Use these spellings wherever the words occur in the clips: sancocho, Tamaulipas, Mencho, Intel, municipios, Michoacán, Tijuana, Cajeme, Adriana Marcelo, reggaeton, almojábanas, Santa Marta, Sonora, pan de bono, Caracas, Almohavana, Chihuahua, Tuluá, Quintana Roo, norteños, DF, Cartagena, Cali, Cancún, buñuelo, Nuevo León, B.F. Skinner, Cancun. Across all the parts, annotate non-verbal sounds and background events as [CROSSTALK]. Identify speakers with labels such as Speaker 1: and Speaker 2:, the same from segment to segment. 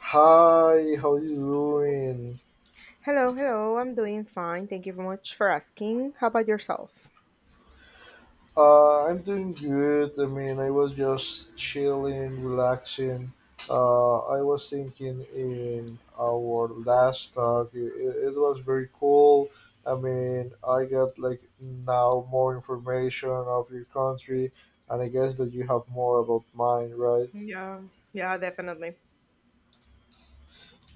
Speaker 1: Hi, how you doing?
Speaker 2: Hello, hello. I'm doing fine. Thank you very much for asking. How about yourself?
Speaker 1: I'm doing good. I mean, I was just chilling, relaxing. I was thinking in our last talk, it was very cool. I mean, I got like now more information of your country, and I guess that you have more about mine, right?
Speaker 2: Yeah, yeah, definitely.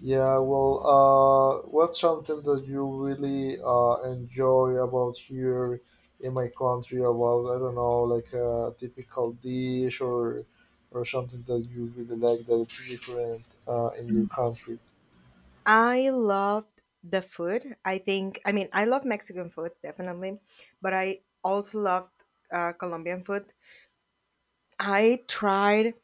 Speaker 1: Yeah, well, what's something that you really enjoy about here in my country? About I don't know, like a typical dish or something that you really like that it's different in your country.
Speaker 2: I loved the food. I think, I mean, I love Mexican food, definitely, but I also loved Colombian food. I tried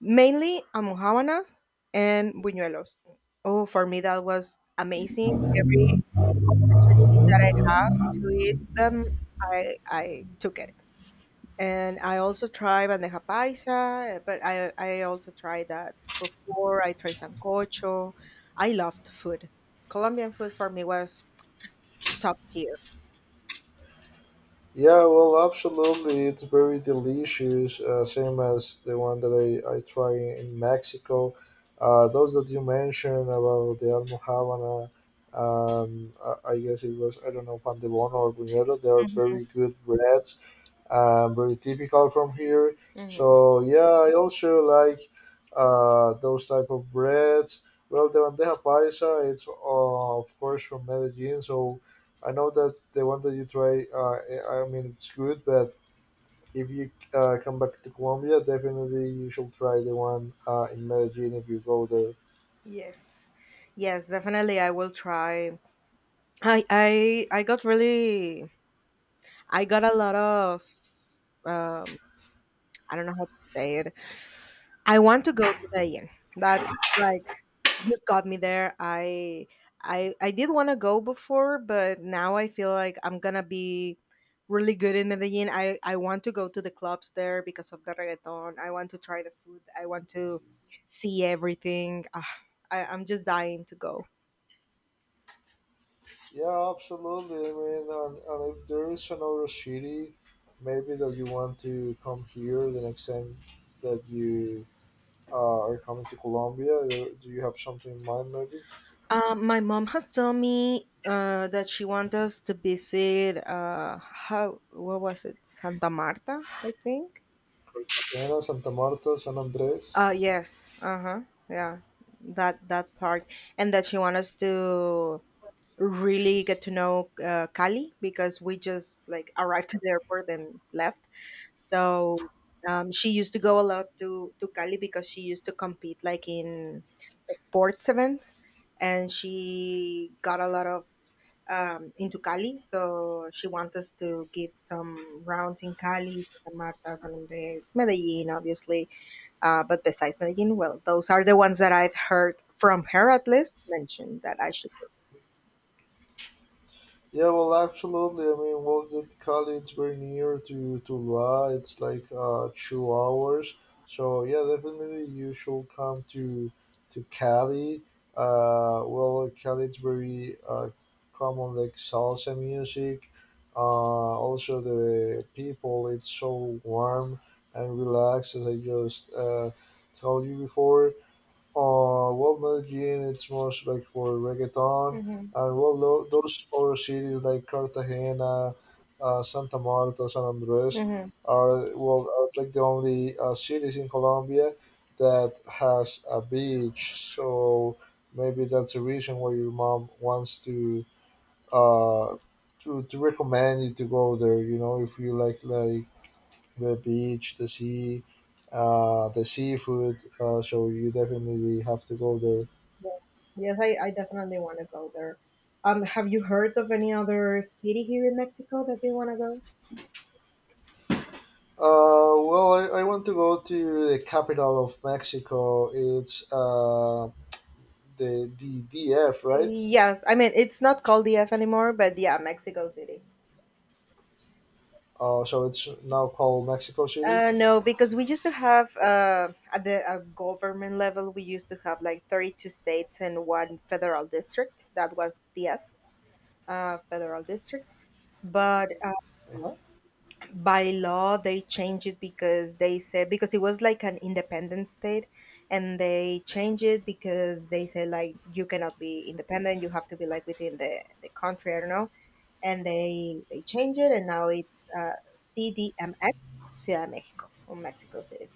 Speaker 2: mainly almojábanas and buñuelos. Oh, for me, that was amazing. Every opportunity that I have to eat them, I took it. And I also try bandeja paisa, but I also tried that before. I tried sancocho. I loved food. Colombian food for me was top tier.
Speaker 1: Yeah, well, absolutely. It's very delicious, same as the one that I try in Mexico. Those that you mentioned about the Almohavana, I guess it was, I don't know, pan de bono or buñuelo, they are very good breads very typical from here.
Speaker 2: Hmm.
Speaker 1: So yeah, I also like those type of breads. Well, the bandeja paisa, it's of course from Medellin, so I know that the one that you try, I mean, it's good, but if you come back to Colombia, definitely you should try the one in Medellin if you go there.
Speaker 2: Yes, yes, definitely. I will try. I got really. I got a lot of. Um, I don't know how to say it. I want to go to the inn. That's like you got me there. I did want to go before, but now I feel like I'm gonna be really good in Medellin. I want to go to the clubs there because of the reggaeton. I want to try the food. I want to see everything. Ah, I'm just dying to go.
Speaker 1: Yeah, absolutely. I mean, and if there is another city, maybe that you want to come here the next time that you are coming to Colombia. Do you have something in mind, maybe?
Speaker 2: My mom has told me that she wants us to visit how what was it Santa Marta, I think.
Speaker 1: Cartagena, Santa Marta, San Andres.
Speaker 2: Yes. Uh-huh. Yeah. That part and that she want us to really get to know Cali because we just like arrived to the airport and left. So she used to go a lot to Cali because she used to compete like in sports events, and she got a lot of into Cali. So she wants us to give some rounds in Cali, Santa Marta, San Andres, Medellin, obviously. But besides Medellin, well, those are the ones that I've heard from her at least mentioned that I should visit.
Speaker 1: Yeah, well, absolutely. I mean, well, that Cali, it's very near to Tuluá. It's like 2 hours. So yeah, definitely you should come to Cali. Well, Cali, it's very common like salsa music. Uh, Also, the people, it's so warm and relaxed, as I just told you before. Well, Medellin, it's most like for reggaeton,
Speaker 2: Mm-hmm.
Speaker 1: and well, those other cities like Cartagena, Santa Marta, San Andres
Speaker 2: Mm-hmm.
Speaker 1: are well are like the only cities in Colombia that has a beach. So maybe that's the reason why your mom wants to uh to recommend you to go there. You know, if you like the beach, the sea, the seafood. So you definitely have to go there.
Speaker 2: Yeah. Yes, I definitely want to go there. Have you heard of any other city here in Mexico that they want to go?
Speaker 1: Well, I want to go to the capital of Mexico. It's the DF, right?
Speaker 2: Yes, I mean it's not called the F anymore, but yeah, Mexico City.
Speaker 1: So it's now called Mexico City.
Speaker 2: No, because we used to have at the government level, we used to have like 32 states and one federal district. That was DF, federal district. But
Speaker 1: Uh-huh.
Speaker 2: by law, they changed it because they said, because it was like an independent state, and they changed it because they say, like, you cannot be independent, you have to be like within the country, I don't know. And they changed it, and now it's CDMX, Ciudad de Mexico, or Mexico City.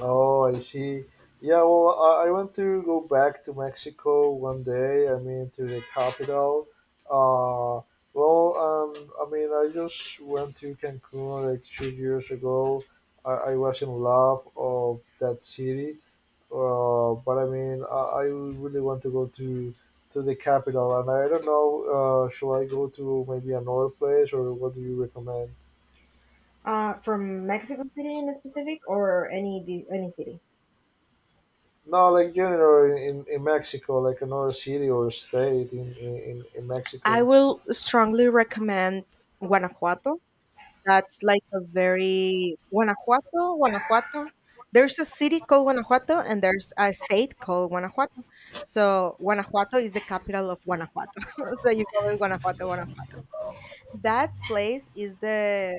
Speaker 1: Oh, I see. Yeah, well, I want to go back to Mexico one day. I mean, to the capital. Uh, well, I mean, I just went to Cancun like 2 years ago. I was in love of that city. But I mean, I really want to go to the capital, and I don't know. Shall I go to maybe another place, or what do you recommend?
Speaker 2: From Mexico City in specific, or any city?
Speaker 1: No, like general in Mexico, like another city or state in
Speaker 2: I
Speaker 1: Mexico.
Speaker 2: will strongly recommend Guanajuato. That's like a very Guanajuato, Guanajuato. There's a city called Guanajuato and there's a state called Guanajuato. So Guanajuato is the capital of Guanajuato. [LAUGHS] So you go with Guanajuato, Guanajuato. That place is the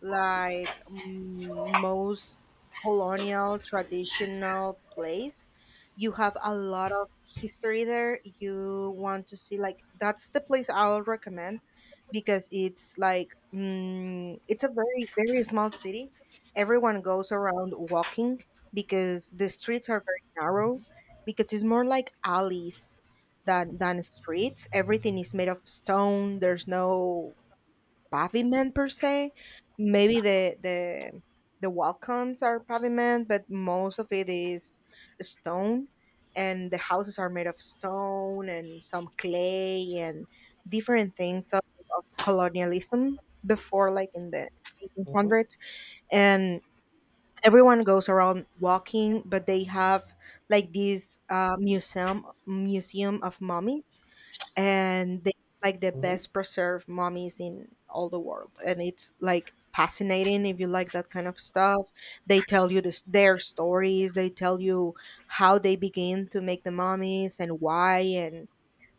Speaker 2: like most colonial traditional place. You have a lot of history there. You want to see, like that's the place I'll recommend, because it's like it's a very very small city. Everyone goes around walking because the streets are very narrow, because it's more like alleys than streets. Everything is made of stone. There's no pavement per se. Maybe the welcomes are pavement, but most of it is stone, and the houses are made of stone and some clay and different things of colonialism before, like in the
Speaker 1: Mm-hmm,
Speaker 2: 1800s, and everyone goes around walking, but they have like this museum of mummies, and they like the
Speaker 1: mm-hmm,
Speaker 2: best preserved mummies in all the world, and it's like fascinating if you like that kind of stuff. They tell you this, their stories. They tell you how they begin to make the mummies and why and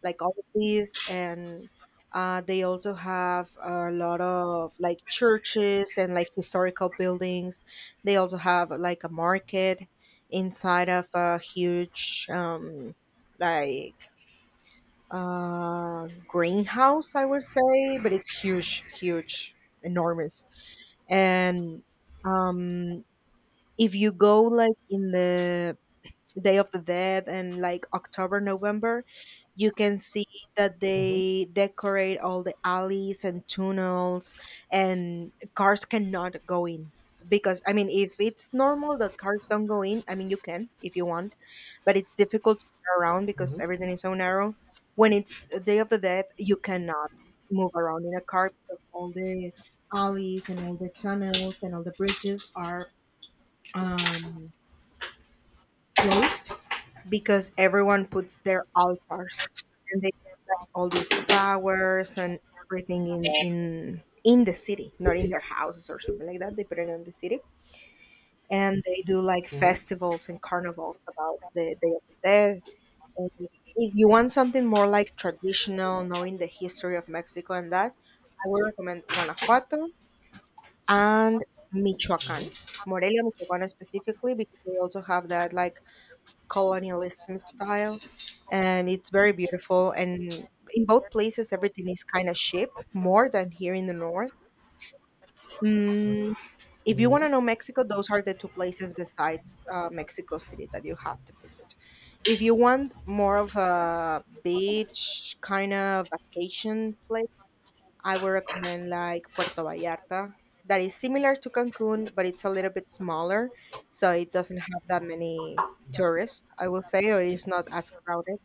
Speaker 2: like all of these, and they also have a lot of like churches and like historical buildings. They also have like a market inside of a huge like greenhouse, I would say, but it's huge, huge, enormous. And um, if you go like in the Day of the Dead and like October, November, you can see that
Speaker 1: mm-hmm,
Speaker 2: they decorate all the alleys and tunnels, and cars cannot go in. Because, I mean, if it's normal that cars don't go in, I mean, you can if you want, but it's difficult to get around because
Speaker 1: mm-hmm,
Speaker 2: everything is so narrow. When it's a Day of the Dead, you cannot move around in a car because all the alleys and all the tunnels and all the bridges are um, closed, because everyone puts their altars and they put, like, all these flowers and everything in the city, not in their houses or something like that. They put it in the city. And they do like
Speaker 1: mm-hmm,
Speaker 2: festivals and carnivals about the Day of the Dead. And if you want something more like traditional, knowing the history of Mexico and that, I would recommend Guanajuato and Michoacán. Morelia, Michoacán specifically, because they also have that like colonialism style, and it's very beautiful, and in both places everything is kind of cheap, more than here in the north. mm, if you want
Speaker 1: mm-hmm.
Speaker 2: to know Mexico, those are the two places besides Mexico City that you have to visit. If you want more of a beach kind of vacation place, I would recommend like Puerto Vallarta, that is similar to Cancun, but it's a little bit smaller, so it doesn't have that many tourists, I will say, or it's not as crowded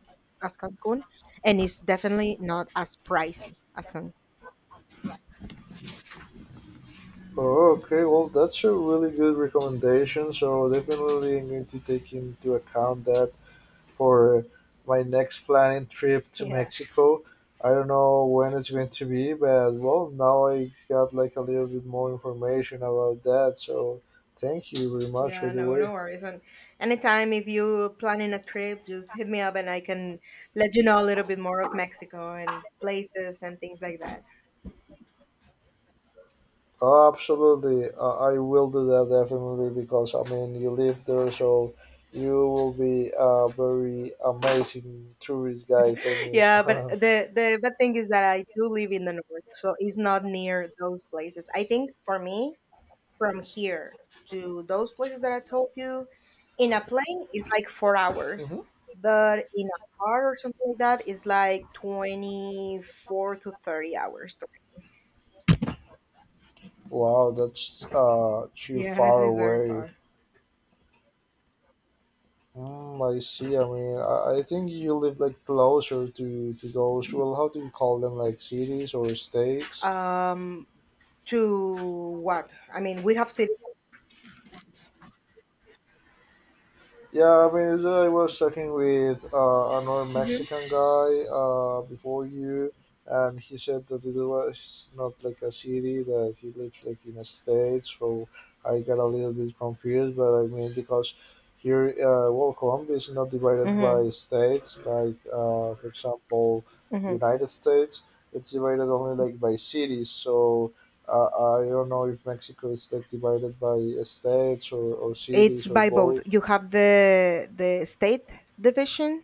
Speaker 2: as Cancun, and it's definitely not as pricey as Cancun.
Speaker 1: Oh, okay. Well, that's a really good recommendation. So definitely I'm going to take into account that for my next planning trip to
Speaker 2: Yeah,
Speaker 1: Mexico. I don't know when it's going to be, but well, now I got like a little bit more information about that. So thank you very much, by
Speaker 2: yeah,
Speaker 1: the
Speaker 2: no, no
Speaker 1: way.
Speaker 2: worries. And anytime if you're planning a trip, just hit me up and I can let you know a little bit more of Mexico and places and things like that.
Speaker 1: Absolutely, I will do that definitely because I mean you live there, so you will be a very amazing tourist guide for me.
Speaker 2: Yeah, but
Speaker 1: [LAUGHS]
Speaker 2: the bad thing is that I do live in the north, so it's not near those places. I think for me, from here to those places that I told you, in a plane is like 4 hours,
Speaker 1: Mhm.
Speaker 2: but in a car or something like that is like 24 to 30 hours.
Speaker 1: Wow, that's too
Speaker 2: Yes,
Speaker 1: far
Speaker 2: it's very
Speaker 1: away.
Speaker 2: far.
Speaker 1: Mm, I see. I mean, I think you live like closer to those. Well, how do you call them? Like cities or states?
Speaker 2: Um, to what? I mean, we have cities.
Speaker 1: Yeah, I mean, it's, I was talking with another
Speaker 2: Mhm.
Speaker 1: Mexican guy before you, and he said that it was not like a city that he lives like in a state. So I got a little bit confused, but I mean because here, well, Colombia is not divided by
Speaker 2: Mm-hmm.
Speaker 1: states. Like for example,
Speaker 2: Mm-hmm.
Speaker 1: United States, it's divided only like by cities. So. I don't know if Mexico is like divided by states or
Speaker 2: It's
Speaker 1: cities or
Speaker 2: by both.
Speaker 1: both.
Speaker 2: You have the state division,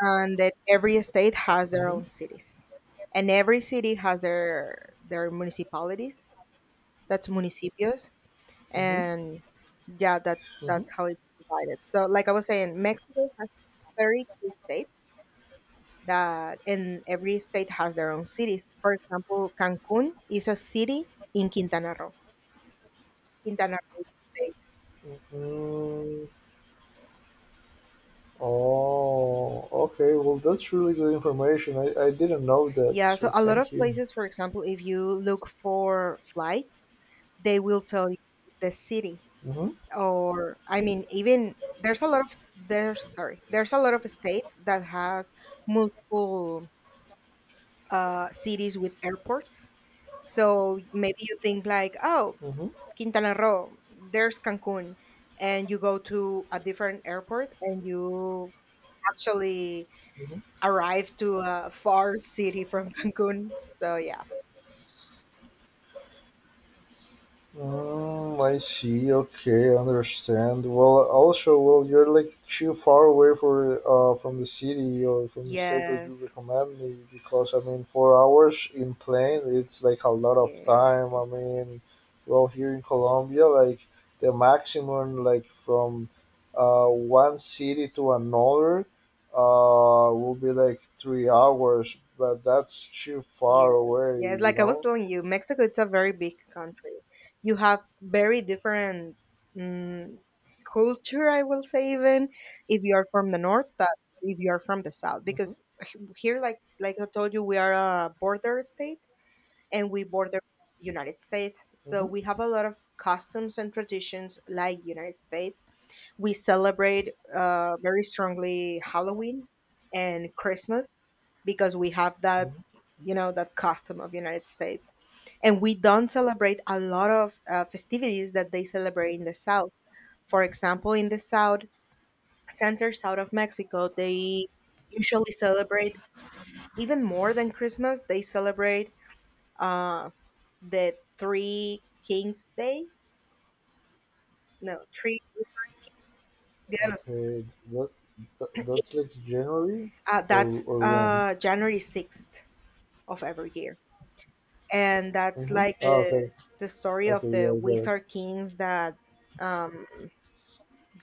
Speaker 2: and that every state has their
Speaker 1: Mhm.
Speaker 2: own cities, and every city has their municipalities, that's municipios,
Speaker 1: Mhm,
Speaker 2: and yeah, that's
Speaker 1: mhm.
Speaker 2: that's how it's divided. So like I was saying, Mexico has 32 states, that, and every state has their own cities. For example, Cancun is a city in Quintana Roo, Quintana Roo state.
Speaker 1: Mm, oh, okay. Well, that's really good information. I didn't know that,
Speaker 2: Yeah,
Speaker 1: so
Speaker 2: so a lot of
Speaker 1: thank you.
Speaker 2: places, for example, if you look for flights, they will tell you the city,
Speaker 1: Mm-hmm,
Speaker 2: or I mean, even there's a lot of s- there's sorry, there's a lot of states that has multiple cities with airports. So maybe you think like, oh,
Speaker 1: mm-hmm, mm-hmm.
Speaker 2: Quintana Roo, there's Cancun, and you go to a different airport and you actually arrive to a far city from [LAUGHS] Cancun. So yeah,
Speaker 1: Mm, I see. Okay, I understand. Well, also, well, you're like too far away for from the city or from the state that you
Speaker 2: yes,
Speaker 1: recommend me because I mean, 4 hours in plane, it's like a lot of
Speaker 2: yes,
Speaker 1: time.
Speaker 2: it
Speaker 1: I
Speaker 2: is.
Speaker 1: mean, well, here in Colombia, like the maximum, like from one city to another, will be like 3 hours, but that's too
Speaker 2: Yeah,
Speaker 1: far away,
Speaker 2: yeah. It's
Speaker 1: you
Speaker 2: like I was
Speaker 1: know.
Speaker 2: telling you, Mexico it's a very big country. You have very different mm culture, I will say, even if you are from the north, that if you are from the south,
Speaker 1: Hmm.
Speaker 2: because here, like I told you, we are a border state and we border United States, so
Speaker 1: Hmm.
Speaker 2: we have a lot of customs and traditions like United States. We celebrate very strongly Halloween and Christmas, because we have that, you know, that custom of United States, and we don't celebrate a lot of festivities that they celebrate in the south. For example, in the south, center south of Mexico, they usually celebrate, even more than Christmas, they celebrate uh, the three kings day. No, three Dia de los-
Speaker 1: Okay, that, that's like January
Speaker 2: that's
Speaker 1: or when?
Speaker 2: January 6th of every year, and that's
Speaker 1: Mm-hmm.
Speaker 2: like
Speaker 1: Oh, okay,
Speaker 2: the story
Speaker 1: okay,
Speaker 2: of
Speaker 1: yeah,
Speaker 2: the
Speaker 1: I got it.
Speaker 2: wizard kings that um,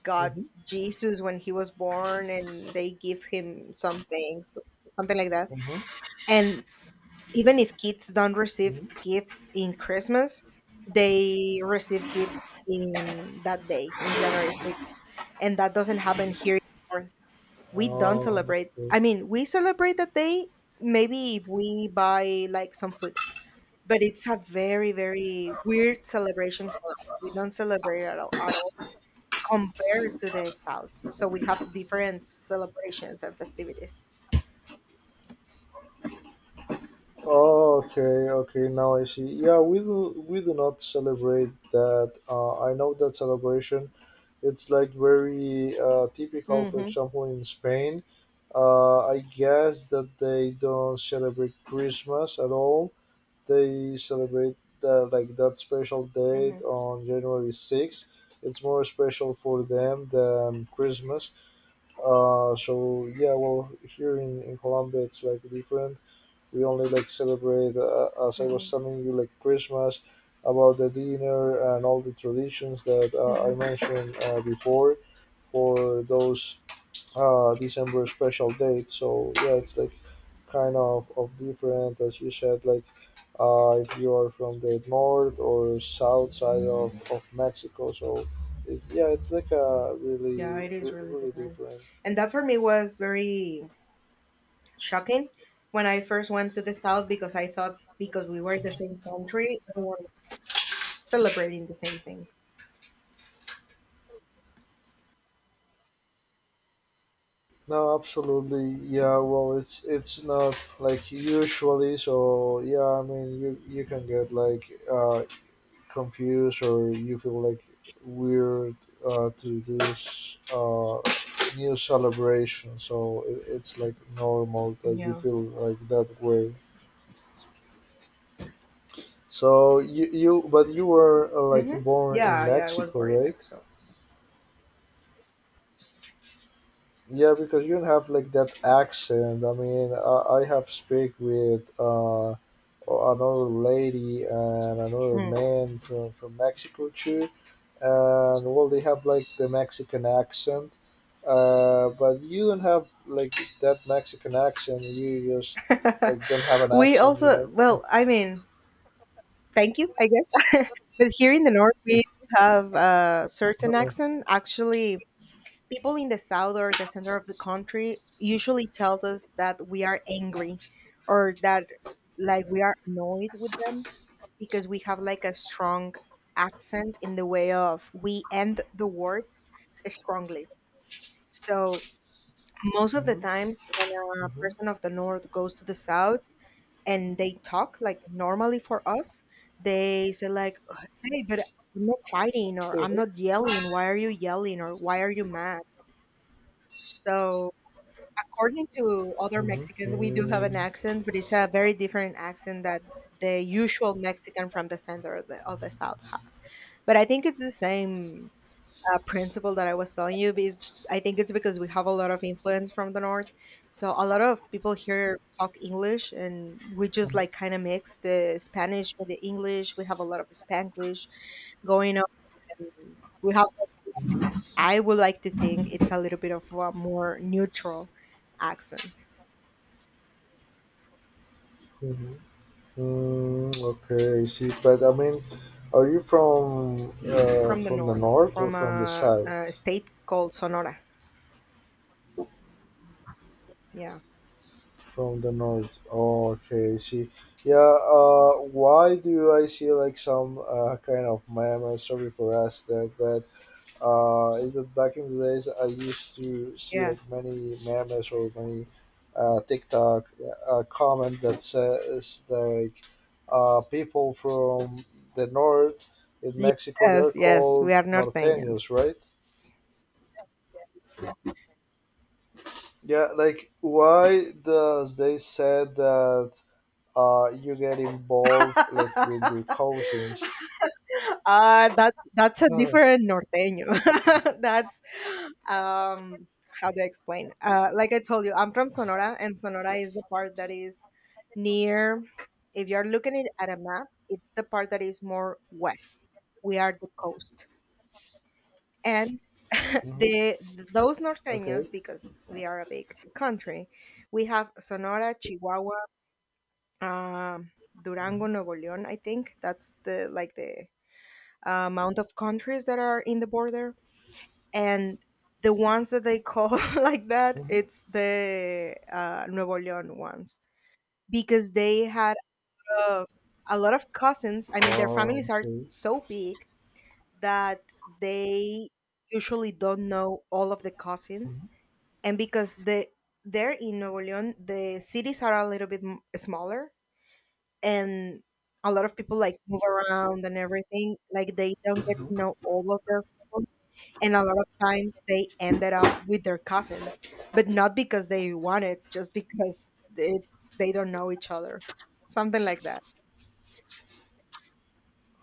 Speaker 2: got
Speaker 1: Mm-hmm.
Speaker 2: Jesus when he was born, and they give him some things, something like that.
Speaker 1: Mm-hmm.
Speaker 2: And even if kids don't receive
Speaker 1: Hmm.
Speaker 2: gifts in Christmas, they receive gifts in that day, in January 6th, and that doesn't happen here. In the North. We don't
Speaker 1: Oh,
Speaker 2: celebrate.
Speaker 1: okay.
Speaker 2: I mean, we celebrate that day. Maybe if we buy like some food, but it's a very, very weird celebration for us. We don't celebrate at all compared to the South. So we have different celebrations and festivities.
Speaker 1: Oh, okay, okay. Now I see. Yeah, we do not celebrate that. I know that celebration. It's like very typical. For
Speaker 2: Mm-hmm,
Speaker 1: example, in Spain, I guess that they don't celebrate Christmas at all. They celebrate that like that special date
Speaker 2: mm-hmm,
Speaker 1: on January 6th. It's more special for them than Christmas. So yeah, well, here in Colombia it's like different. We only like celebrate, as I
Speaker 2: mm-hmm,
Speaker 1: was telling you, like Christmas, about the dinner and all the traditions that
Speaker 2: mm-hmm.
Speaker 1: I mentioned before for those December special date. So yeah, it's like kind of different as you said. Like if you are from the north or south side of Mexico, so yeah, it's like a
Speaker 2: Yeah, it is really
Speaker 1: really
Speaker 2: different.
Speaker 1: different.
Speaker 2: And that for me was very shocking when I first went to the South because I thought because we were the same country, we were celebrating the same thing.
Speaker 1: No, absolutely. Yeah, well, it's not like usually. So yeah, I mean, you can get like uh, confused or you feel like weird to do new celebration so it's like normal that you
Speaker 2: Yeah.
Speaker 1: feel like that way so you but you were like
Speaker 2: Mm-hmm.
Speaker 1: born in
Speaker 2: Yeah, yeah, I was
Speaker 1: Mexico,
Speaker 2: born in
Speaker 1: right?
Speaker 2: Mexico.
Speaker 1: Yeah because you don't have like that accent. I mean I have speak with another lady and another
Speaker 2: Mm.
Speaker 1: man from Mexico too and well they have like the Mexican accent but you don't have like that Mexican accent. You just like don't have an
Speaker 2: [LAUGHS] We
Speaker 1: accent, you
Speaker 2: also,
Speaker 1: know. [LAUGHS]
Speaker 2: well, I mean, thank you, I guess. But here in the north, we do have a certain accent. Actually, people in the south or the center of the country usually tell us that we are angry or that like we are annoyed with them because we have like a strong accent in the way of we end the words strongly. So most of the
Speaker 1: Mhm,
Speaker 2: times when a
Speaker 1: mhm,
Speaker 2: person of the north goes to the south, and they talk like normally for us, they say like, hey, but I'm not fighting or I'm
Speaker 1: mhm,
Speaker 2: not yelling. Why are you yelling or why are you mad? So according to other Mexicans, we do have an
Speaker 1: mhm,
Speaker 2: accent, but it's a very different accent that the usual Mexican from the center of the south have. But I think it's the same principle that I was telling you, because I think it's because we have a lot of influence from the north. So a lot of people here talk English, and we just
Speaker 1: mhm,
Speaker 2: like kind of mix the Spanish with the English. We have a lot of Spanglish going on, and we have. I would like to think it's a little bit of a more neutral accent.
Speaker 1: mhm. Mm, okay I see but I mean are you
Speaker 2: From the
Speaker 1: from the
Speaker 2: north,
Speaker 1: north or
Speaker 2: from
Speaker 1: from the
Speaker 2: a,
Speaker 1: south
Speaker 2: a state called Sonora. Yeah,
Speaker 1: from the north. Oh, okay. I see, yeah. Why do I see like some kind of meme? I sorry for us that, but back in the days, I used to see
Speaker 2: yeah,
Speaker 1: like many memes or many TikTok comment that says like people from the north in Mexico
Speaker 2: yes,
Speaker 1: they're
Speaker 2: yes. We
Speaker 1: called
Speaker 2: are norteños.
Speaker 1: norteños, right? Yeah, like why does they said that you get involved like with your cousins.
Speaker 2: Uh, that's a
Speaker 1: Uh,
Speaker 2: different norteño. [LAUGHS] That's um, how do I explain? Uh, like I told you, I'm from Sonora, and Sonora is the part that is near, if you're looking it at a map, it's the part that is more west. We are the coast. And [LAUGHS]
Speaker 1: mhm,
Speaker 2: the, those
Speaker 1: [LAUGHS] okay.
Speaker 2: norteños, because we are a big country, we have Sonora, Chihuahua, um, Durango, Nuevo León, I think. That's the like the amount of countries that are in the border. And the ones that they call [LAUGHS] like that,
Speaker 1: Mhm.
Speaker 2: it's the Nuevo leon ones, because they had a, a lot of cousins. I mean, their
Speaker 1: Oh,
Speaker 2: families are
Speaker 1: okay.
Speaker 2: so big that they usually don't know all of the cousins. And because there in Nuevo leon the cities are a little bit smaller, and a lot of people like move around and everything, like they don't get to know all of their, and a lot of times they ended up with their cousins, but not because they wanted, just because it's, they don't know each other, something like that.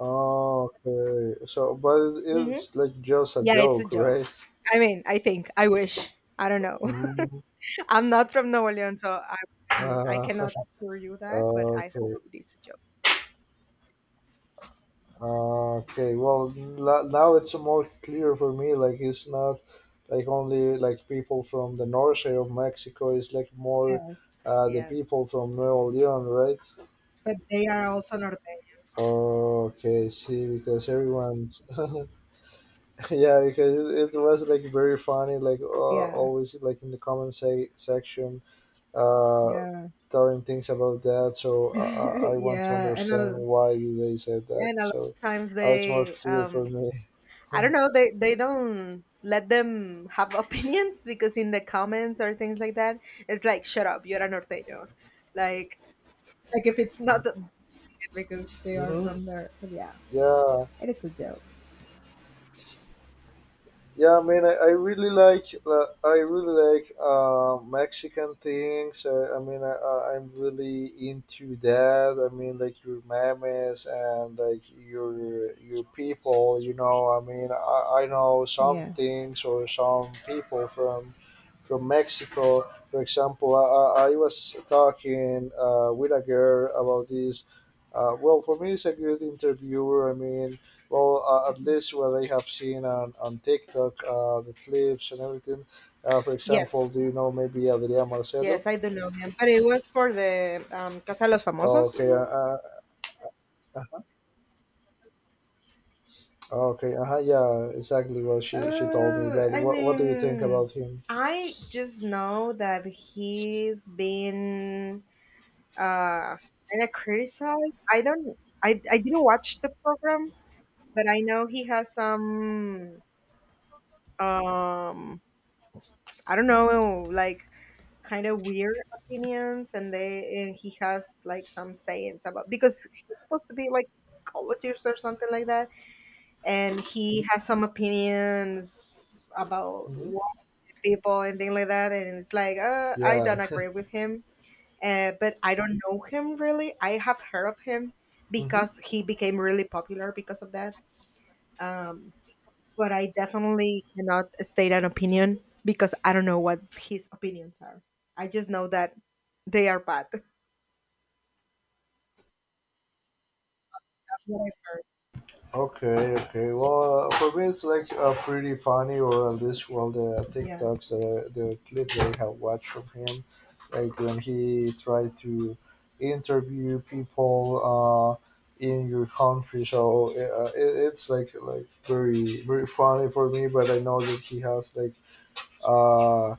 Speaker 1: Oh, okay. So, but
Speaker 2: Hmm,
Speaker 1: it's like just a
Speaker 2: yeah, it's a
Speaker 1: joke,
Speaker 2: joke.
Speaker 1: right?
Speaker 2: I mean, I think, I wish, I don't know.
Speaker 1: Mm,
Speaker 2: [LAUGHS] I'm not from Nuevo León, so I can, I
Speaker 1: uh,
Speaker 2: cannot assure you
Speaker 1: [LAUGHS]
Speaker 2: that, but I
Speaker 1: okay.
Speaker 2: hope it is a joke.
Speaker 1: Okay. Well, now it's more clear for me. Like it's not like only like people from the north side of Mexico. It's like more
Speaker 2: Yes,
Speaker 1: the people
Speaker 2: yes,
Speaker 1: from Nuevo León, right?
Speaker 2: but they are also norteños.
Speaker 1: Okay. See, because everyone's. [LAUGHS] [LAUGHS] Yeah because it was like very funny like
Speaker 2: Yeah,
Speaker 1: always like in the comment say section uh
Speaker 2: yeah.
Speaker 1: telling things about that so I, I
Speaker 2: [LAUGHS]
Speaker 1: I want to
Speaker 2: Yeah, and
Speaker 1: understand why did they say
Speaker 2: yeah,
Speaker 1: that
Speaker 2: and a lot
Speaker 1: so
Speaker 2: of times
Speaker 1: now it's more
Speaker 2: they
Speaker 1: clear for
Speaker 2: um,
Speaker 1: me.
Speaker 2: I
Speaker 1: [LAUGHS]
Speaker 2: don't know. They don't let them have [LAUGHS] opinions, because in the comments or things like that, it's like, shut up, you're a norteño. Like like if it's not the- because they are
Speaker 1: Hmm.
Speaker 2: from there, but yeah,
Speaker 1: Yeah.
Speaker 2: it's a joke.
Speaker 1: Yeah, I mean, I really like I really like Mexican things. I mean, I'm really into that. I mean, like your memes and like your people. You know, I mean, I know some
Speaker 2: Yeah.
Speaker 1: things or some people from Mexico. For example, I was talking with a girl about this. Well, for me, it's a good interviewer. I mean well, at least what I have seen on TikTok, the clips and everything. For example, do
Speaker 2: Yes,
Speaker 1: you know maybe Adriana Marcelo?
Speaker 2: yes, I do know him, but it was for the Casa de los Famosos.
Speaker 1: Okay, uh, okay, uh-huh, yeah, exactly what she told me. But
Speaker 2: I
Speaker 1: what do you think
Speaker 2: mean,
Speaker 1: about him?
Speaker 2: I just know that he's been uh, and I criticized. I don't. I didn't watch the program, but I know he has some. Um, I don't know, like, kind of weird opinions, and they, and he has like some sayings, about because he's supposed to be like psychologist or something like that, and he has some opinions about white
Speaker 1: Hmm.
Speaker 2: people and things like that, and it's like, I
Speaker 1: Yeah.
Speaker 2: don't agree with him. But I don't know him really. I have heard of him
Speaker 1: [LAUGHS] Hmm.
Speaker 2: because he became really popular because of that. Um, but I definitely cannot state an opinion because I don't know what his opinions are. I just know that they are bad. [LAUGHS] That's what I've heard.
Speaker 1: Okay, okay. Well, for me, it's like pretty funny, or at least well, the
Speaker 2: Yeah,
Speaker 1: TikToks, the clip that I have watched of him, like when he tried to interview people in your country. So it's like very very funny for me. But I know that he has like uh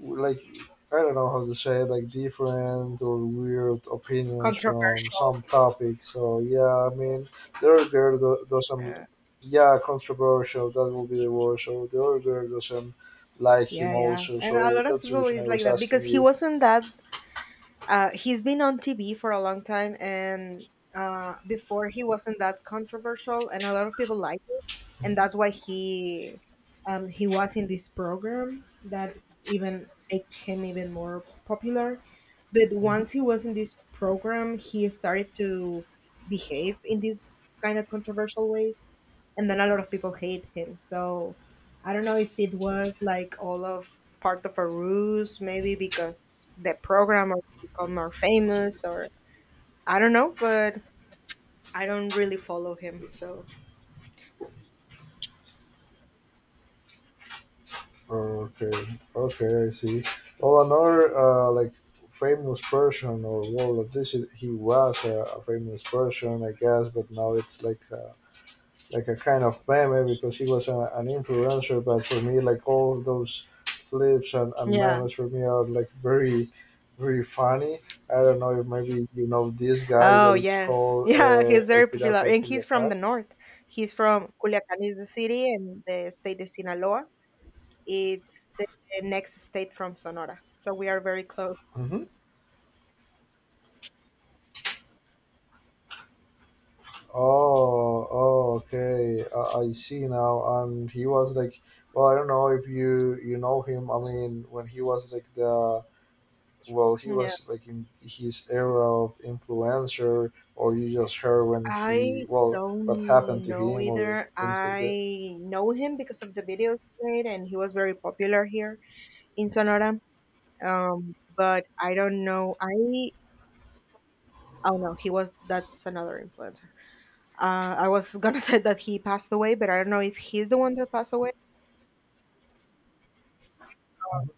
Speaker 1: like I don't know how to say it, like different or weird opinions from
Speaker 2: controversial
Speaker 1: some
Speaker 2: opinions.
Speaker 1: topics. So yeah, I mean the other girl do- doesn't,
Speaker 2: Yeah,
Speaker 1: yeah, controversial. That will be the word. So the other girl doesn't like him
Speaker 2: yeah, yeah.
Speaker 1: also.
Speaker 2: And a
Speaker 1: So
Speaker 2: lot of
Speaker 1: that's the
Speaker 2: people
Speaker 1: reason I
Speaker 2: is like
Speaker 1: was
Speaker 2: that,
Speaker 1: asking
Speaker 2: because he
Speaker 1: you.
Speaker 2: wasn't that. He's been on TV for a long time, and before he wasn't that controversial, and a lot of people liked it, and that's why he was in this program that even make him even more popular. But
Speaker 1: Mhm.
Speaker 2: once he was in this program, he started to behave in these kind of controversial ways, and then a lot of people hate him. So I don't know if it was like all of part of a ruse, maybe because the programmer become more famous, or I don't know, but I don't really follow him. So
Speaker 1: Okay, okay, I see. Well, another like famous person, or well, at least he was a famous person, I guess. But now it's like. Like a kind of meme because he was a, an influencer. But for me, like all those flips and
Speaker 2: yeah.
Speaker 1: memes for me are like very funny. I don't know if maybe you know this guy
Speaker 2: Oh
Speaker 1: that it's
Speaker 2: yes, [LAUGHS]
Speaker 1: called
Speaker 2: yeah, he's
Speaker 1: El
Speaker 2: very
Speaker 1: Pirata
Speaker 2: popular,
Speaker 1: de
Speaker 2: and he's from the
Speaker 1: Culiacan.
Speaker 2: north. He's from Culiacán, is the city, and the state is Sinaloa. It's the next state from Sonora, so we are very close.
Speaker 1: Hmm. Oh, oh, okay. I see now. And he was like, well, I don't know if you know him. I mean, when he was like the well he was like in his era of influencer, or you just heard when he,
Speaker 2: I
Speaker 1: well, what happened
Speaker 2: don't
Speaker 1: to
Speaker 2: know
Speaker 1: him or
Speaker 2: either.
Speaker 1: things like that.
Speaker 2: I know him because of the videos he made, and he was very popular here in Sonora. But I don't know. I, oh no, he was, that's another influencer. I was gonna [LAUGHS] say that he passed away, but I don't know if he's the one that passed away.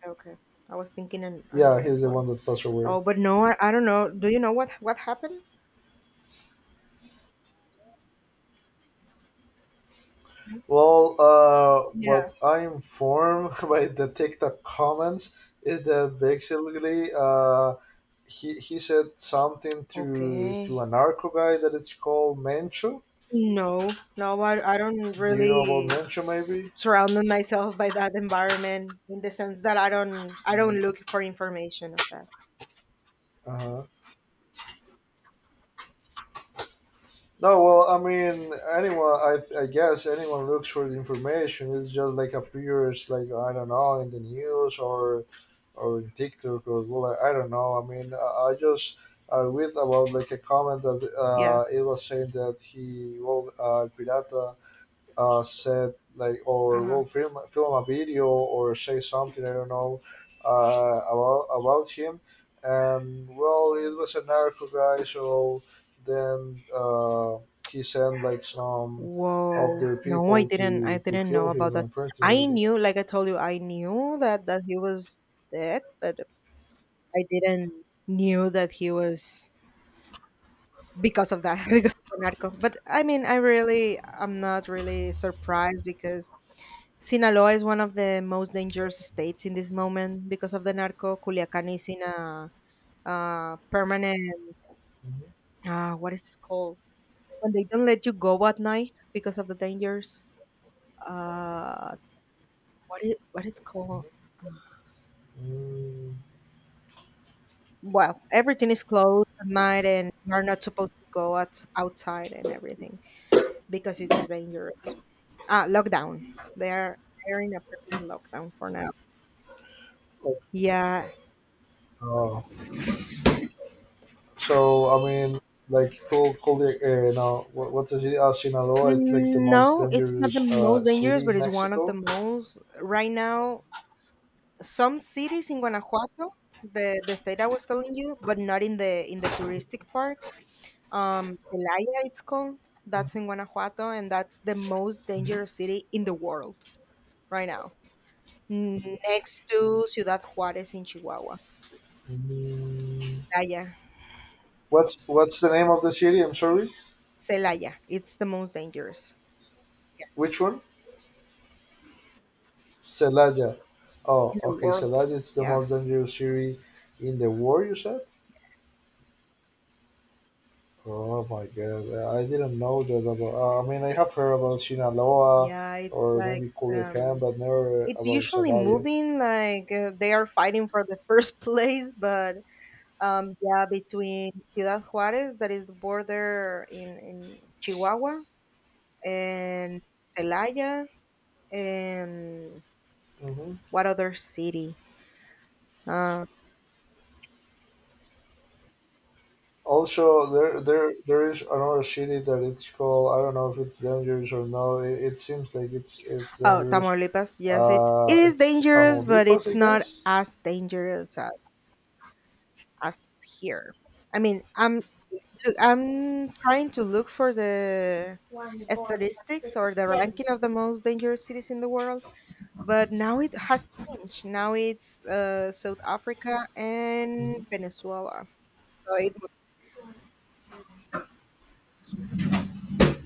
Speaker 2: Oh, okay, okay. I was thinking an,
Speaker 1: Yeah,
Speaker 2: another
Speaker 1: he's the one
Speaker 2: one.
Speaker 1: that passed away.
Speaker 2: Oh, but no, I don't know. Do you know what happened?
Speaker 1: Well,
Speaker 2: Yeah.
Speaker 1: what I am informed [LAUGHS] by the TikTok comments is that basically he said something to a
Speaker 2: Okay.
Speaker 1: narco guy that it's called Mencho.
Speaker 2: No, no, I don't
Speaker 1: Do you know about
Speaker 2: really
Speaker 1: Mencho? Maybe.
Speaker 2: surrounded myself by that environment, in the sense that I don't look for information of that.
Speaker 1: Uh, No, well, I mean, anyone, I guess anyone looks for the information. It's just like appears, like I don't know, in the news or in TikTok or Google. I don't know. I mean, I just I read about like a comment that
Speaker 2: Yeah.
Speaker 1: it was saying that he, well, Pirata said like or
Speaker 2: Uh-huh.
Speaker 1: will film a video or say something, I don't know, about him. And well, it was a narco guy, so then he sent like some of
Speaker 2: Whoa.
Speaker 1: their
Speaker 2: No, I
Speaker 1: people
Speaker 2: didn't
Speaker 1: to
Speaker 2: I didn't know
Speaker 1: kill
Speaker 2: about
Speaker 1: him,
Speaker 2: that. I
Speaker 1: unfortunately.
Speaker 2: knew, like I told you, I knew that that he was dead, but I didn't knew that he was because of that, [LAUGHS] because of the narco. But I mean, I really, I'm not really surprised, because Sinaloa is one of the most dangerous states in this moment because of the narco. Culiacan is in a permanent. What is it called when they don't let you go at night because of the dangers? Uh, what is what it's called?
Speaker 1: Mm,
Speaker 2: Well, everything is closed at night, and you are not supposed to go out, outside and everything because it's dangerous. Ah, lockdown. They are, they're in a permanent lockdown for now. Yeah.
Speaker 1: uh, so I mean, like cool. Now, what's the city? Sinaloa. It's like the
Speaker 2: Mm,
Speaker 1: most
Speaker 2: no, it's not the
Speaker 1: dangerous
Speaker 2: most dangerous,
Speaker 1: city in
Speaker 2: but it's one of the
Speaker 1: Mexico.
Speaker 2: most. Right now, some cities in Guanajuato, the state I was telling you, but not in the touristic park. Celaya, it's called. That's
Speaker 1: Mhm.
Speaker 2: in Guanajuato, and that's the most dangerous city in the world right now, next to Ciudad Juarez in Chihuahua. Celaya,
Speaker 1: What's the name of the city? I'm sorry.
Speaker 2: Celaya, it's the most dangerous.
Speaker 1: Which
Speaker 2: Yes,
Speaker 1: one? Celaya. Oh,
Speaker 2: in the
Speaker 1: okay.
Speaker 2: world.
Speaker 1: Celaya is the most
Speaker 2: Yes.
Speaker 1: dangerous city in the world, you said. Oh my god! I didn't know that about, I mean, I have heard about Sinaloa
Speaker 2: Yeah, it's
Speaker 1: or
Speaker 2: like
Speaker 1: maybe
Speaker 2: um,
Speaker 1: Culiacan, but never
Speaker 2: it's
Speaker 1: about
Speaker 2: usually
Speaker 1: Celaya.
Speaker 2: moving. Like, they are fighting for the first [LAUGHS] place, but um, yeah, between Ciudad Juarez, that is the border in Chihuahua, and Celaya, and
Speaker 1: Hmm.
Speaker 2: what other city? Uh,
Speaker 1: Also, there is another city that it's called. I don't know if it's dangerous or not. It seems like it's
Speaker 2: oh,
Speaker 1: dangerous.
Speaker 2: Tamaulipas. Yes, it is
Speaker 1: It's
Speaker 2: dangerous, but
Speaker 1: Tamaulipas,
Speaker 2: it's
Speaker 1: I
Speaker 2: not
Speaker 1: guess.
Speaker 2: as dangerous as here. I mean, I'm, look, I'm trying to look for the statistics or the ranking of the most dangerous cities in the world. But now it has changed. Now it's South Africa and Venezuela. So it moves.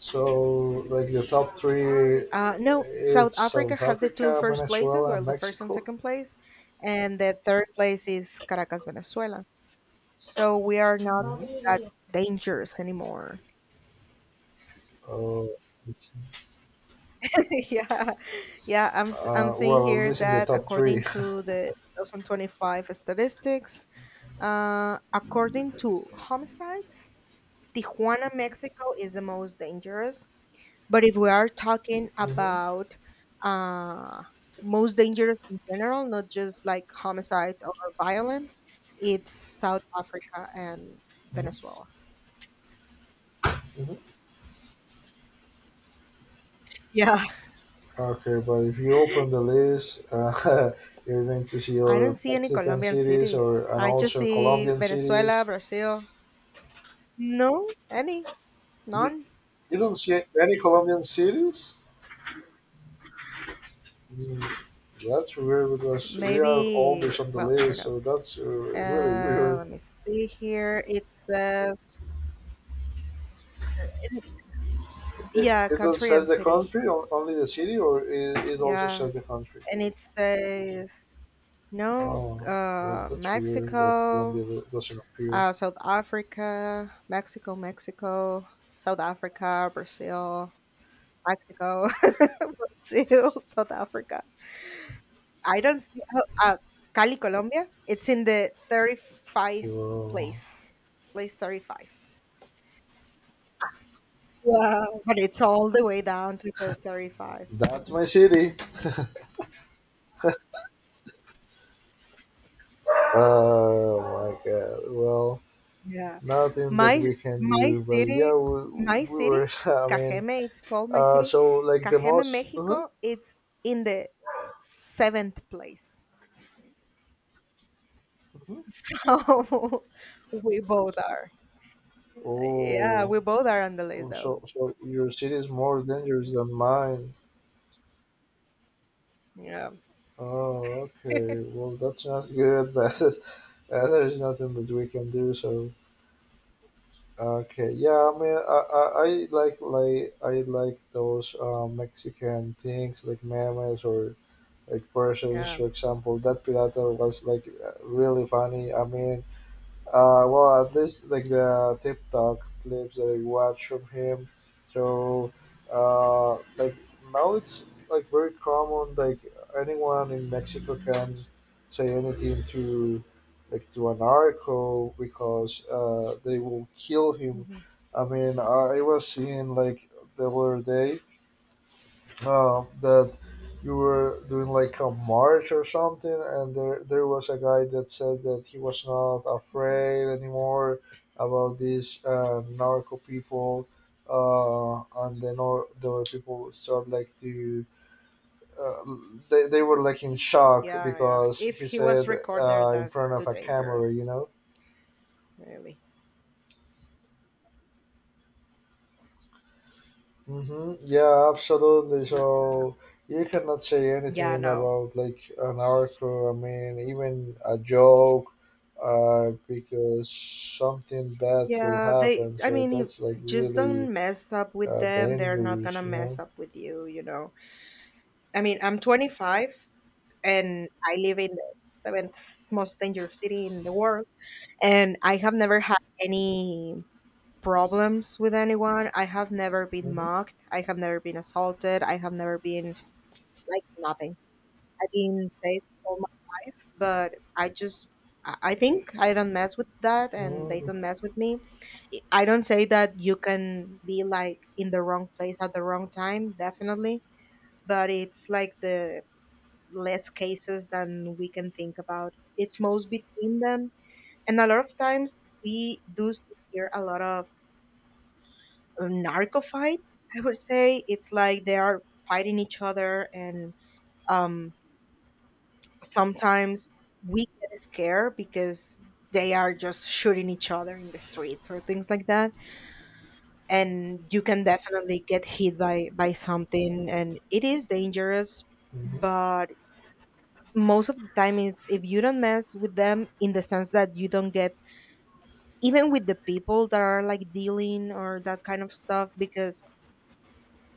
Speaker 1: So, like the top three,
Speaker 2: No, South
Speaker 1: it's
Speaker 2: Africa
Speaker 1: South
Speaker 2: has the two
Speaker 1: Africa,
Speaker 2: first places,
Speaker 1: Venezuela, and
Speaker 2: well, the first and
Speaker 1: Mexico.
Speaker 2: second place, and the third place is Caracas, Venezuela. So we are not that dangerous anymore.
Speaker 1: Oh, it's-
Speaker 2: [LAUGHS] Yeah, yeah. I'm seeing
Speaker 1: well, at
Speaker 2: here
Speaker 1: least in the
Speaker 2: that
Speaker 1: top 3.
Speaker 2: according
Speaker 1: [LAUGHS]
Speaker 2: to the 2025 statistics, according to homicides, Tijuana, Mexico is the most dangerous. But if we are talking
Speaker 1: Mm-hmm.
Speaker 2: about uh, most dangerous in general, not just like homicides or violent, it's South Africa and
Speaker 1: Hmm.
Speaker 2: Venezuela.
Speaker 1: Hmm.
Speaker 2: Yeah.
Speaker 1: Okay, but if you open the list, [LAUGHS] you're going to see
Speaker 2: I
Speaker 1: your
Speaker 2: don't see any
Speaker 1: Mexican
Speaker 2: Colombian
Speaker 1: cities or
Speaker 2: cities.
Speaker 1: and
Speaker 2: I just
Speaker 1: also
Speaker 2: see
Speaker 1: Colombian cities.
Speaker 2: Venezuela, Brazil. No, any,
Speaker 1: You,
Speaker 2: none.
Speaker 1: you don't see any Colombian cities. Mm, that's weird because we are
Speaker 2: Maybe,
Speaker 1: always on the
Speaker 2: well, I don't
Speaker 1: list,
Speaker 2: know.
Speaker 1: so that's really weird.
Speaker 2: Let me see here. It says,
Speaker 1: It,
Speaker 2: yeah,
Speaker 1: it does
Speaker 2: country
Speaker 1: says
Speaker 2: and
Speaker 1: the
Speaker 2: city.
Speaker 1: country, o- only the city, or it also
Speaker 2: Yeah.
Speaker 1: says the country?
Speaker 2: And it says, no,
Speaker 1: Oh, well,
Speaker 2: uh,
Speaker 1: that's weird that Colombia
Speaker 2: Mexico,
Speaker 1: do- doesn't appear.
Speaker 2: uh, South Africa, Mexico, Mexico, South Africa, Brazil, Mexico, [LAUGHS] Brazil, South Africa. I don't see, oh, uh, Cali, Colombia, it's in the 35
Speaker 1: Well,
Speaker 2: place, place 35. Wow, but it's all the way down to the 35.
Speaker 1: that's my city. Oh my god. Well,
Speaker 2: Yeah.
Speaker 1: nothing that
Speaker 2: My
Speaker 1: we can
Speaker 2: my
Speaker 1: do, but yeah,
Speaker 2: city
Speaker 1: we,
Speaker 2: my
Speaker 1: we
Speaker 2: city,
Speaker 1: were. [LAUGHS] I mean,
Speaker 2: Cajeme, it's called my city.
Speaker 1: so like the
Speaker 2: Cajeme,
Speaker 1: most. Uh-huh,
Speaker 2: Mexico, it's in the seventh place.
Speaker 1: uh-huh.
Speaker 2: [LAUGHS] So [LAUGHS] we both are. Yeah,
Speaker 1: Oh,
Speaker 2: we both are on the list though.
Speaker 1: so so your city is more dangerous than mine.
Speaker 2: Yeah.
Speaker 1: Oh, okay. Well, that's not good, [LAUGHS] but there's nothing that we can do. So, okay. Yeah, I mean, I like I like those Mexican things like memes or like versions,
Speaker 2: Yeah.
Speaker 1: for example. That pirata was like really funny. I mean, well, at least like the TikTok clips that I watch from him. So, like now it's like very common. Like anyone in Mexico can say anything to, like to an narco, because they will kill him.
Speaker 2: Mhm.
Speaker 1: I mean, I was seeing like the other day that you were doing like a march or something, and there was a guy that said that he was not
Speaker 2: Mhm.
Speaker 1: afraid anymore about these narco people, uh, and then all the other people start like to. Uh, they were like in shock
Speaker 2: Yeah, yeah.
Speaker 1: because
Speaker 2: If
Speaker 1: he
Speaker 2: he was
Speaker 1: said
Speaker 2: recorded,
Speaker 1: in
Speaker 2: that's
Speaker 1: front of
Speaker 2: too
Speaker 1: a camera, you
Speaker 2: dangerous,
Speaker 1: know.
Speaker 2: really.
Speaker 1: Mm-hmm. Yeah, absolutely.
Speaker 2: Yeah.
Speaker 1: So you cannot say
Speaker 2: Yeah,
Speaker 1: anything
Speaker 2: no.
Speaker 1: about like an arco. I mean, even a joke, because something bad will
Speaker 2: Yeah, they,
Speaker 1: happen.
Speaker 2: I
Speaker 1: So
Speaker 2: mean, if-
Speaker 1: that's like
Speaker 2: just
Speaker 1: really
Speaker 2: don't mess up with them. They're not
Speaker 1: dangerous,
Speaker 2: gonna
Speaker 1: you
Speaker 2: mess
Speaker 1: know.
Speaker 2: up with you, you know. I mean, I'm 25, and I live in the seventh most dangerous city in the world. And I have never had any problems with anyone. I have never been
Speaker 1: Mm-hmm.
Speaker 2: mocked. I have never been assaulted. I have never been like nothing. I've been safe all my life, but I just, I think I don't mess with that, and they
Speaker 1: Mm-hmm.
Speaker 2: don't mess with me. I don't say that you can be like in the wrong place at the wrong time, definitely, but it's like the less cases than we can think about. It's most between them. And a lot of times we do see here a lot of narco fights. I would say it's like they are fighting each other, and um, sometimes we get scared because they are just shooting each other in the streets or things like that, and you can definitely get hit by something, and it is dangerous. But most of the time, it's if you don't mess with them in the sense that you don't get even with the people that are like dealing or that kind of stuff, because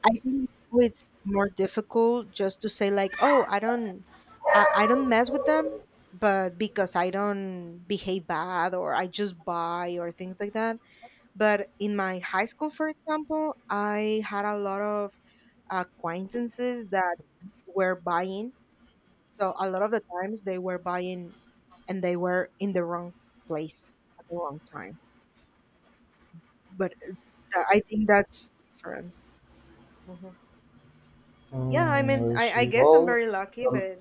Speaker 2: I think it's more difficult just to say like, oh, I don't mess with them, but because I don't behave bad or I just buy or things like that. But in my high school, for example, I had a lot of acquaintances that were buying, so a lot of the times they were buying and they were in the wrong place at the wrong time. But I think that's the difference. Hmm. Yeah, I mean,
Speaker 1: Mm, I
Speaker 2: I
Speaker 1: see.
Speaker 2: guess I'm
Speaker 1: Well,
Speaker 2: very lucky,
Speaker 1: uh,
Speaker 2: but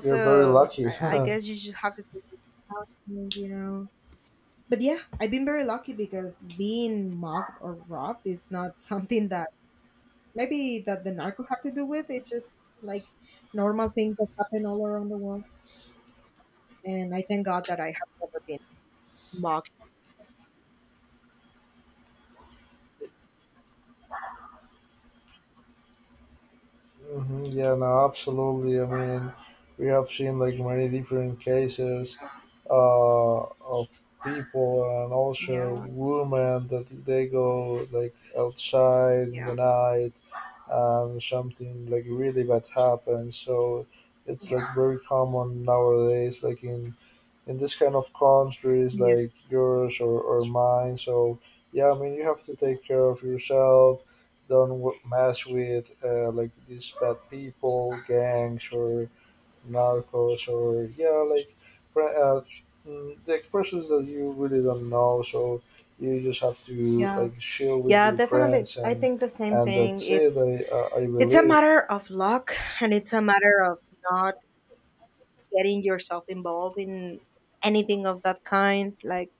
Speaker 1: you're very lucky. [LAUGHS]
Speaker 2: I guess you just have to take it out, you know. But yeah, I've been very lucky, because being mugged or robbed is not [LAUGHS] something that maybe that the narco have to do with. It's just like normal things that happen all around the world. And I thank God that I have never been mugged.
Speaker 1: Hmm. Yeah, no, absolutely. I mean, we have seen like many different cases of people and also
Speaker 2: Yeah.
Speaker 1: women that they go like outside in the
Speaker 2: Yeah.
Speaker 1: night, and something like really bad happens. So it's like very common nowadays, like in this kind of countries like
Speaker 2: Yes.
Speaker 1: yours or mine. So yeah, I mean you have to take care of yourself. Don't w- mess with like these bad people, gangs or narcos or yeah, like pre- mm, the persons that you really don't know. So you just have to
Speaker 2: Yeah,
Speaker 1: like chill with
Speaker 2: yeah,
Speaker 1: your
Speaker 2: definitely.
Speaker 1: friends
Speaker 2: I think the same
Speaker 1: and
Speaker 2: thing.
Speaker 1: that's it. I
Speaker 2: It's a
Speaker 1: believe.
Speaker 2: matter of luck, and it's a matter of not getting yourself involved in anything of that kind. Like,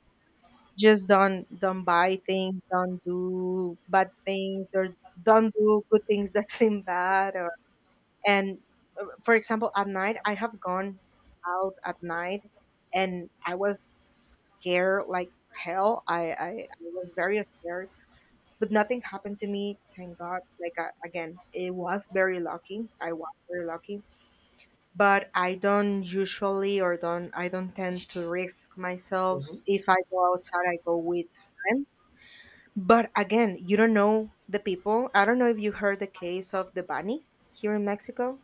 Speaker 2: just don't buy things, don't do bad things, or don't do good things that [LAUGHS] seem bad, or and for example at night, I have gone out at night, and I was scared like hell. I was very scared, but nothing happened to me, thank god. Like, I, again, it was very lucky. I was very lucky, but I don't usually or don't I don't tend to risk myself.
Speaker 1: Hmm.
Speaker 2: If I go outside, I go with friends. But again, you don't know the people. I don't know if you heard the case of the bunny here in mexico.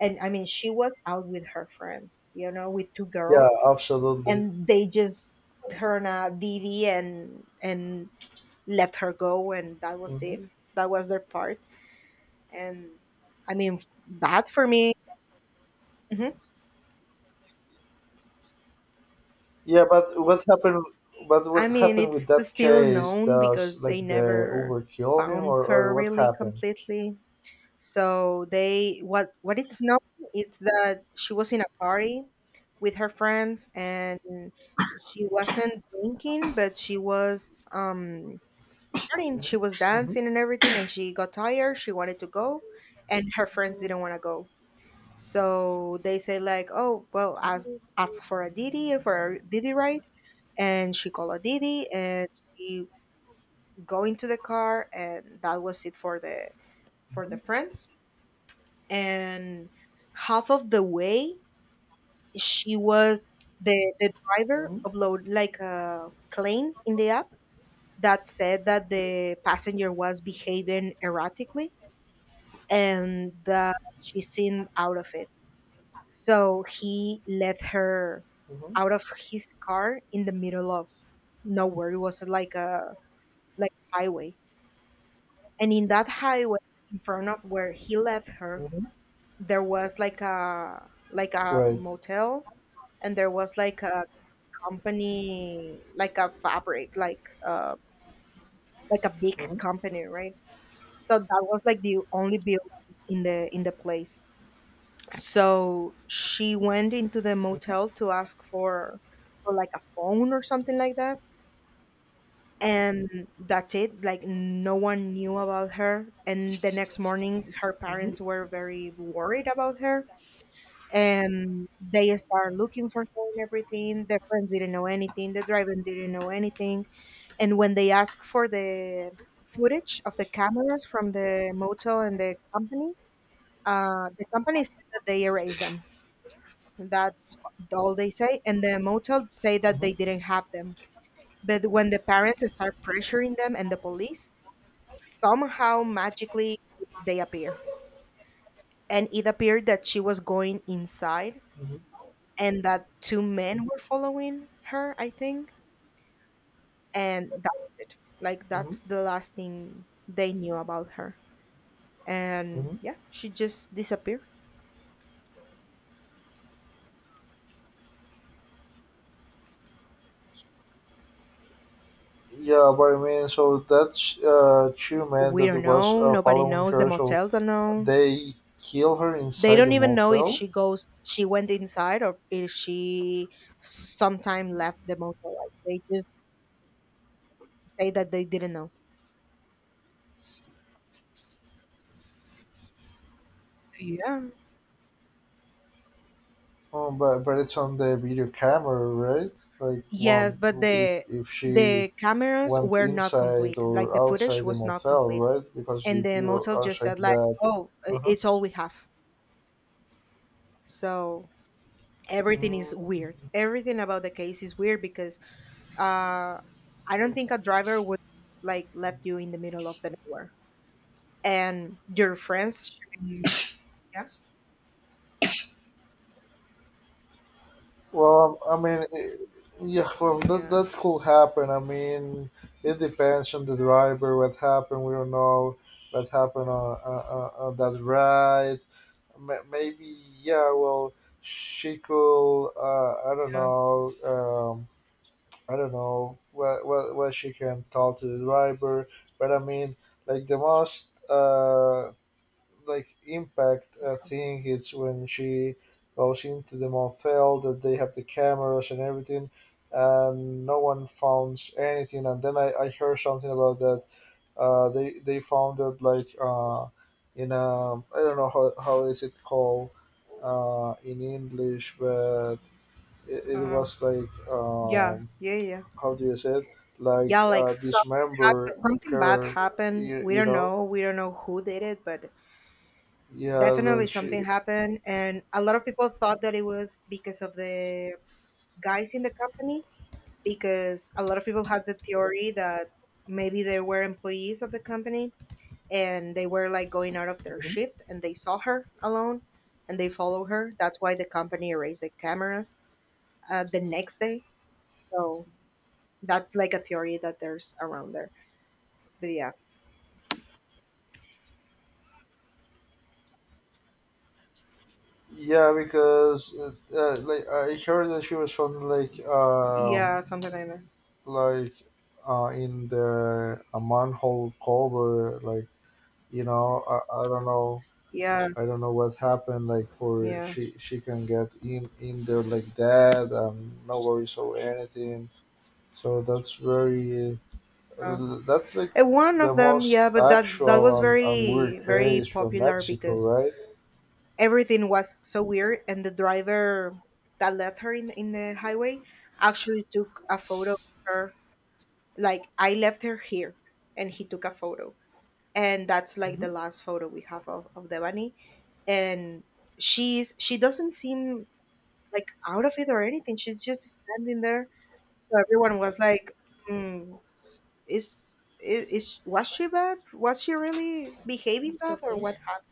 Speaker 2: And I mean, she was out with her friends, you know, with two
Speaker 1: Yeah,
Speaker 2: girls,
Speaker 1: absolutely.
Speaker 2: and they just put her on a dd, and let her go, and that was
Speaker 1: Mhm.
Speaker 2: it. That was their part. And I mean, that for me. Mhm.
Speaker 1: Yeah, but what happened? But
Speaker 2: I
Speaker 1: what
Speaker 2: mean,
Speaker 1: happened with
Speaker 2: it's
Speaker 1: that
Speaker 2: still
Speaker 1: case?
Speaker 2: unknown
Speaker 1: Does
Speaker 2: because
Speaker 1: like
Speaker 2: they
Speaker 1: the
Speaker 2: never
Speaker 1: Uber kill him,
Speaker 2: found
Speaker 1: or
Speaker 2: her
Speaker 1: what
Speaker 2: really
Speaker 1: happened?
Speaker 2: completely. So they, what it's known is that she was in a party with her friends, and she wasn't drinking, but she was partying, she was
Speaker 1: Hmm.
Speaker 2: dancing and everything, and she got tired, she wanted to go, and her friends didn't want to go. So they say like, oh, well, ask for a Didi, for a Didi ride, and she called a Didi, and she go into the car, and that was it for
Speaker 1: Hmm.
Speaker 2: the friends. And half of the way, she was the driver
Speaker 1: Hmm.
Speaker 2: upload like a claim in the app that said that the passenger was behaving erratically and that she seemed out of it. So he left her out of his car in the middle of nowhere. It was like a like highway. And in that highway, in front of where he left her,
Speaker 1: Hmm.
Speaker 2: there was like a
Speaker 1: Right.
Speaker 2: motel, and there was like a company, like a fabric, like a big
Speaker 1: Hmm.
Speaker 2: company, right? So that was like the only buildings in the place. So she went into the motel to ask for like a phone or something like that. And that's it. Like, no one knew about her. And the next morning, her
Speaker 1: Hmm.
Speaker 2: parents were very worried about her. And they started looking for her and everything. Their friends didn't know anything. The driver didn't know anything. And when they asked for the footage of the cameras from the motel and the company said that they erased them. That's all they say. And the motel say that
Speaker 1: Hmm.
Speaker 2: they didn't have them. But when the parents start pressuring them and the police, somehow magically they appear. And it appeared that she was going inside,
Speaker 1: Hmm.
Speaker 2: and that two men were following her, I think. And that's it. Like,
Speaker 1: Hmm.
Speaker 2: that's the last thing they knew about her. And
Speaker 1: Hmm.
Speaker 2: yeah, she just disappeared.
Speaker 1: Yeah, but I mean, so that two men
Speaker 2: We
Speaker 1: that
Speaker 2: don't
Speaker 1: was
Speaker 2: know. Nobody
Speaker 1: following
Speaker 2: knows. The
Speaker 1: her, so
Speaker 2: motel don't know.
Speaker 1: they kill her
Speaker 2: They
Speaker 1: inside the
Speaker 2: don't even know if
Speaker 1: motel.
Speaker 2: she goes, she went inside or if she sometime left the motel. Like, they just say that they didn't know. Yeah.
Speaker 1: But it's on the video camera, right? Like
Speaker 2: Yes,
Speaker 1: one,
Speaker 2: but
Speaker 1: if she
Speaker 2: the cameras
Speaker 1: went
Speaker 2: were not
Speaker 1: inside
Speaker 2: complete. Like,
Speaker 1: or
Speaker 2: the footage
Speaker 1: outside the
Speaker 2: was not
Speaker 1: motel,
Speaker 2: complete,
Speaker 1: right? Because
Speaker 2: and
Speaker 1: if
Speaker 2: the
Speaker 1: you
Speaker 2: motel
Speaker 1: are
Speaker 2: just said
Speaker 1: saying
Speaker 2: like,
Speaker 1: that,
Speaker 2: "Oh,
Speaker 1: uh-huh.
Speaker 2: it's all we have." So everything is
Speaker 1: Mm,
Speaker 2: weird. Everything about the case is weird, because uh, I don't think a driver would like left you in the middle of the nowhere, and your friends should be- Yeah.
Speaker 1: well, I mean, eh, yeah, well,
Speaker 2: Yeah,
Speaker 1: that could happen. I mean, it depends on the driver, what happened, we don't know what happened on, on that ride. Ma- Maybe, yeah, well, she could,
Speaker 2: yeah,
Speaker 1: I don't know what she can tell to the driver, but I mean, like the most like impact thing is when she goes into the motel that they have the cameras and everything, and no one found anything. And then I heard something about that. They found it like in a, I don't know how is it called in English, but it
Speaker 2: uh,
Speaker 1: was like.
Speaker 2: yeah, yeah, yeah,
Speaker 1: How do you say it like
Speaker 2: yeah. Like, something
Speaker 1: dismember
Speaker 2: happened, something bad
Speaker 1: her,
Speaker 2: happened.
Speaker 1: you,
Speaker 2: We
Speaker 1: you
Speaker 2: don't
Speaker 1: know
Speaker 2: know. We don't know who did it, but
Speaker 1: yeah that
Speaker 2: definitely
Speaker 1: she.
Speaker 2: something happened, and a lot of people thought that it was because of the guys in the company. Because a lot of people had the theory that maybe they were employees of the company, and they were like going out of their
Speaker 1: Mhm.
Speaker 2: shift, and they saw her alone, and they follow her. That's why the company erased the cameras the next day. So that's like a theory that there's around there. But yeah,
Speaker 1: Yeah because like I heard that she was found
Speaker 2: yeah, something like that.
Speaker 1: like in the a manhole cover like you know, I don't know.
Speaker 2: Yeah,
Speaker 1: I don't know what happened like for
Speaker 2: yeah.
Speaker 1: she can get in there like that, um, no worries or anything. So that's very.
Speaker 2: So.
Speaker 1: That's like
Speaker 2: One
Speaker 1: the
Speaker 2: of them, yeah,
Speaker 1: most
Speaker 2: but that that
Speaker 1: actual
Speaker 2: was
Speaker 1: and weird
Speaker 2: very very
Speaker 1: case from
Speaker 2: popular,
Speaker 1: Mexico,
Speaker 2: because
Speaker 1: right?
Speaker 2: everything was so weird, and the driver that left her in the highway actually took a photo of her. Like, I left her here, and he took a photo, and that's like the
Speaker 1: Hmm.
Speaker 2: last photo we have of Devani. And she's she doesn't seem like out of it or anything. She's just standing there. So everyone was like, mm, "Is is was she bad? Was she really behaving bad, or what happened?"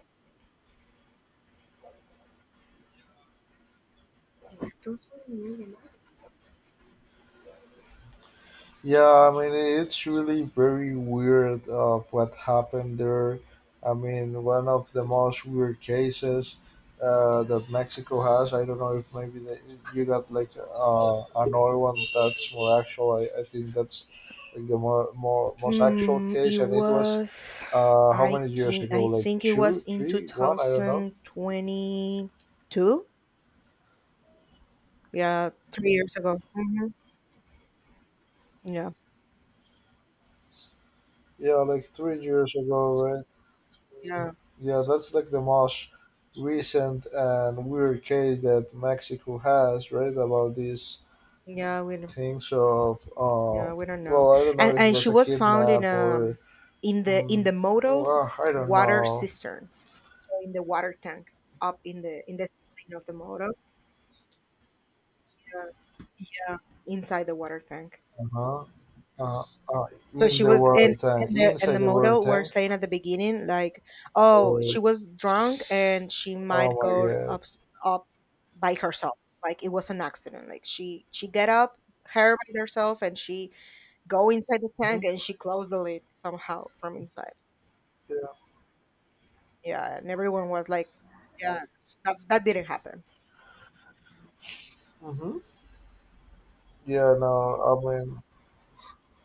Speaker 1: Yeah, I mean, it's really very weird of what happened there. I mean, one of the most weird cases that Mexico has. I don't know if maybe the, you got like another one that's more actual. I think that's like the more, more most actual
Speaker 2: Mm,
Speaker 1: case,
Speaker 2: it
Speaker 1: and it was
Speaker 2: was.
Speaker 1: how
Speaker 2: I
Speaker 1: many years
Speaker 2: can
Speaker 1: ago?
Speaker 2: I
Speaker 1: Like
Speaker 2: think it
Speaker 1: two,
Speaker 2: was in
Speaker 1: three, one? I don't know.
Speaker 2: 2022. Yeah, three years ago. Hmm. Yeah,
Speaker 1: Yeah, like 3 years ago, right?
Speaker 2: yeah,
Speaker 1: Yeah, that's like the most recent and weird case that Mexico has, right? About these
Speaker 2: yeah. We don't.
Speaker 1: things of,
Speaker 2: Yeah, we don't know.
Speaker 1: well, I don't know if it
Speaker 2: And
Speaker 1: was
Speaker 2: she
Speaker 1: a
Speaker 2: was found
Speaker 1: kidnap or,
Speaker 2: in
Speaker 1: mm,
Speaker 2: the model's
Speaker 1: well, I don't
Speaker 2: water
Speaker 1: know.
Speaker 2: cistern, so in the water tank up in the ceiling of the model. Yeah, inside the water tank.
Speaker 1: Uh-huh. Uh, uh,
Speaker 2: So
Speaker 1: in
Speaker 2: she
Speaker 1: the
Speaker 2: was
Speaker 1: water tank,
Speaker 2: and
Speaker 1: inside
Speaker 2: the
Speaker 1: the water
Speaker 2: model were
Speaker 1: tank.
Speaker 2: saying at the beginning like, oh,
Speaker 1: Or,
Speaker 2: she was drunk and she
Speaker 1: oh
Speaker 2: might
Speaker 1: my
Speaker 2: go
Speaker 1: god.
Speaker 2: up up by herself. Like, it was an accident. Like, she get up her by herself, and she go inside the
Speaker 1: Hmm.
Speaker 2: tank, and she closed the lid somehow from inside.
Speaker 1: Yeah.
Speaker 2: Yeah, and everyone was like, yeah, that that didn't happen.
Speaker 1: Hmm. Yeah, no, I mean,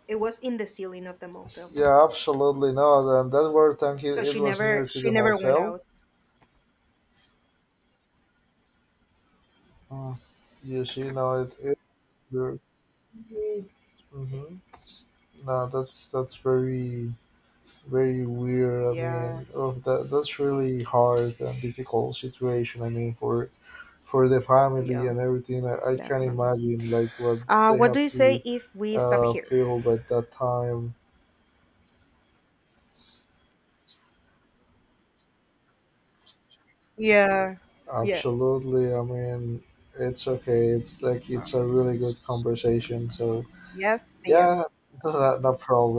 Speaker 2: It was in the ceiling of the motel.
Speaker 1: yeah, absolutely not. And that were tank,
Speaker 2: So
Speaker 1: it was near to the
Speaker 2: she never went
Speaker 1: Monfel.
Speaker 2: out.
Speaker 1: Mm. You see, now it. It, mm-hmm. No, that's very very weird. I mean,
Speaker 2: Yes.
Speaker 1: oh, that that's really hard and difficult situation. I mean, for the family
Speaker 2: Yeah,
Speaker 1: and everything, I can
Speaker 2: definitely.
Speaker 1: imagine like what they
Speaker 2: What do
Speaker 1: have
Speaker 2: you say
Speaker 1: to
Speaker 2: if we stop here?
Speaker 1: feel at that time.
Speaker 2: Yeah. Yeah.
Speaker 1: Absolutely. I mean, it's okay. It's like it's a really good conversation. So
Speaker 2: Yes. See ya.
Speaker 1: yeah, [LAUGHS] no, no problem.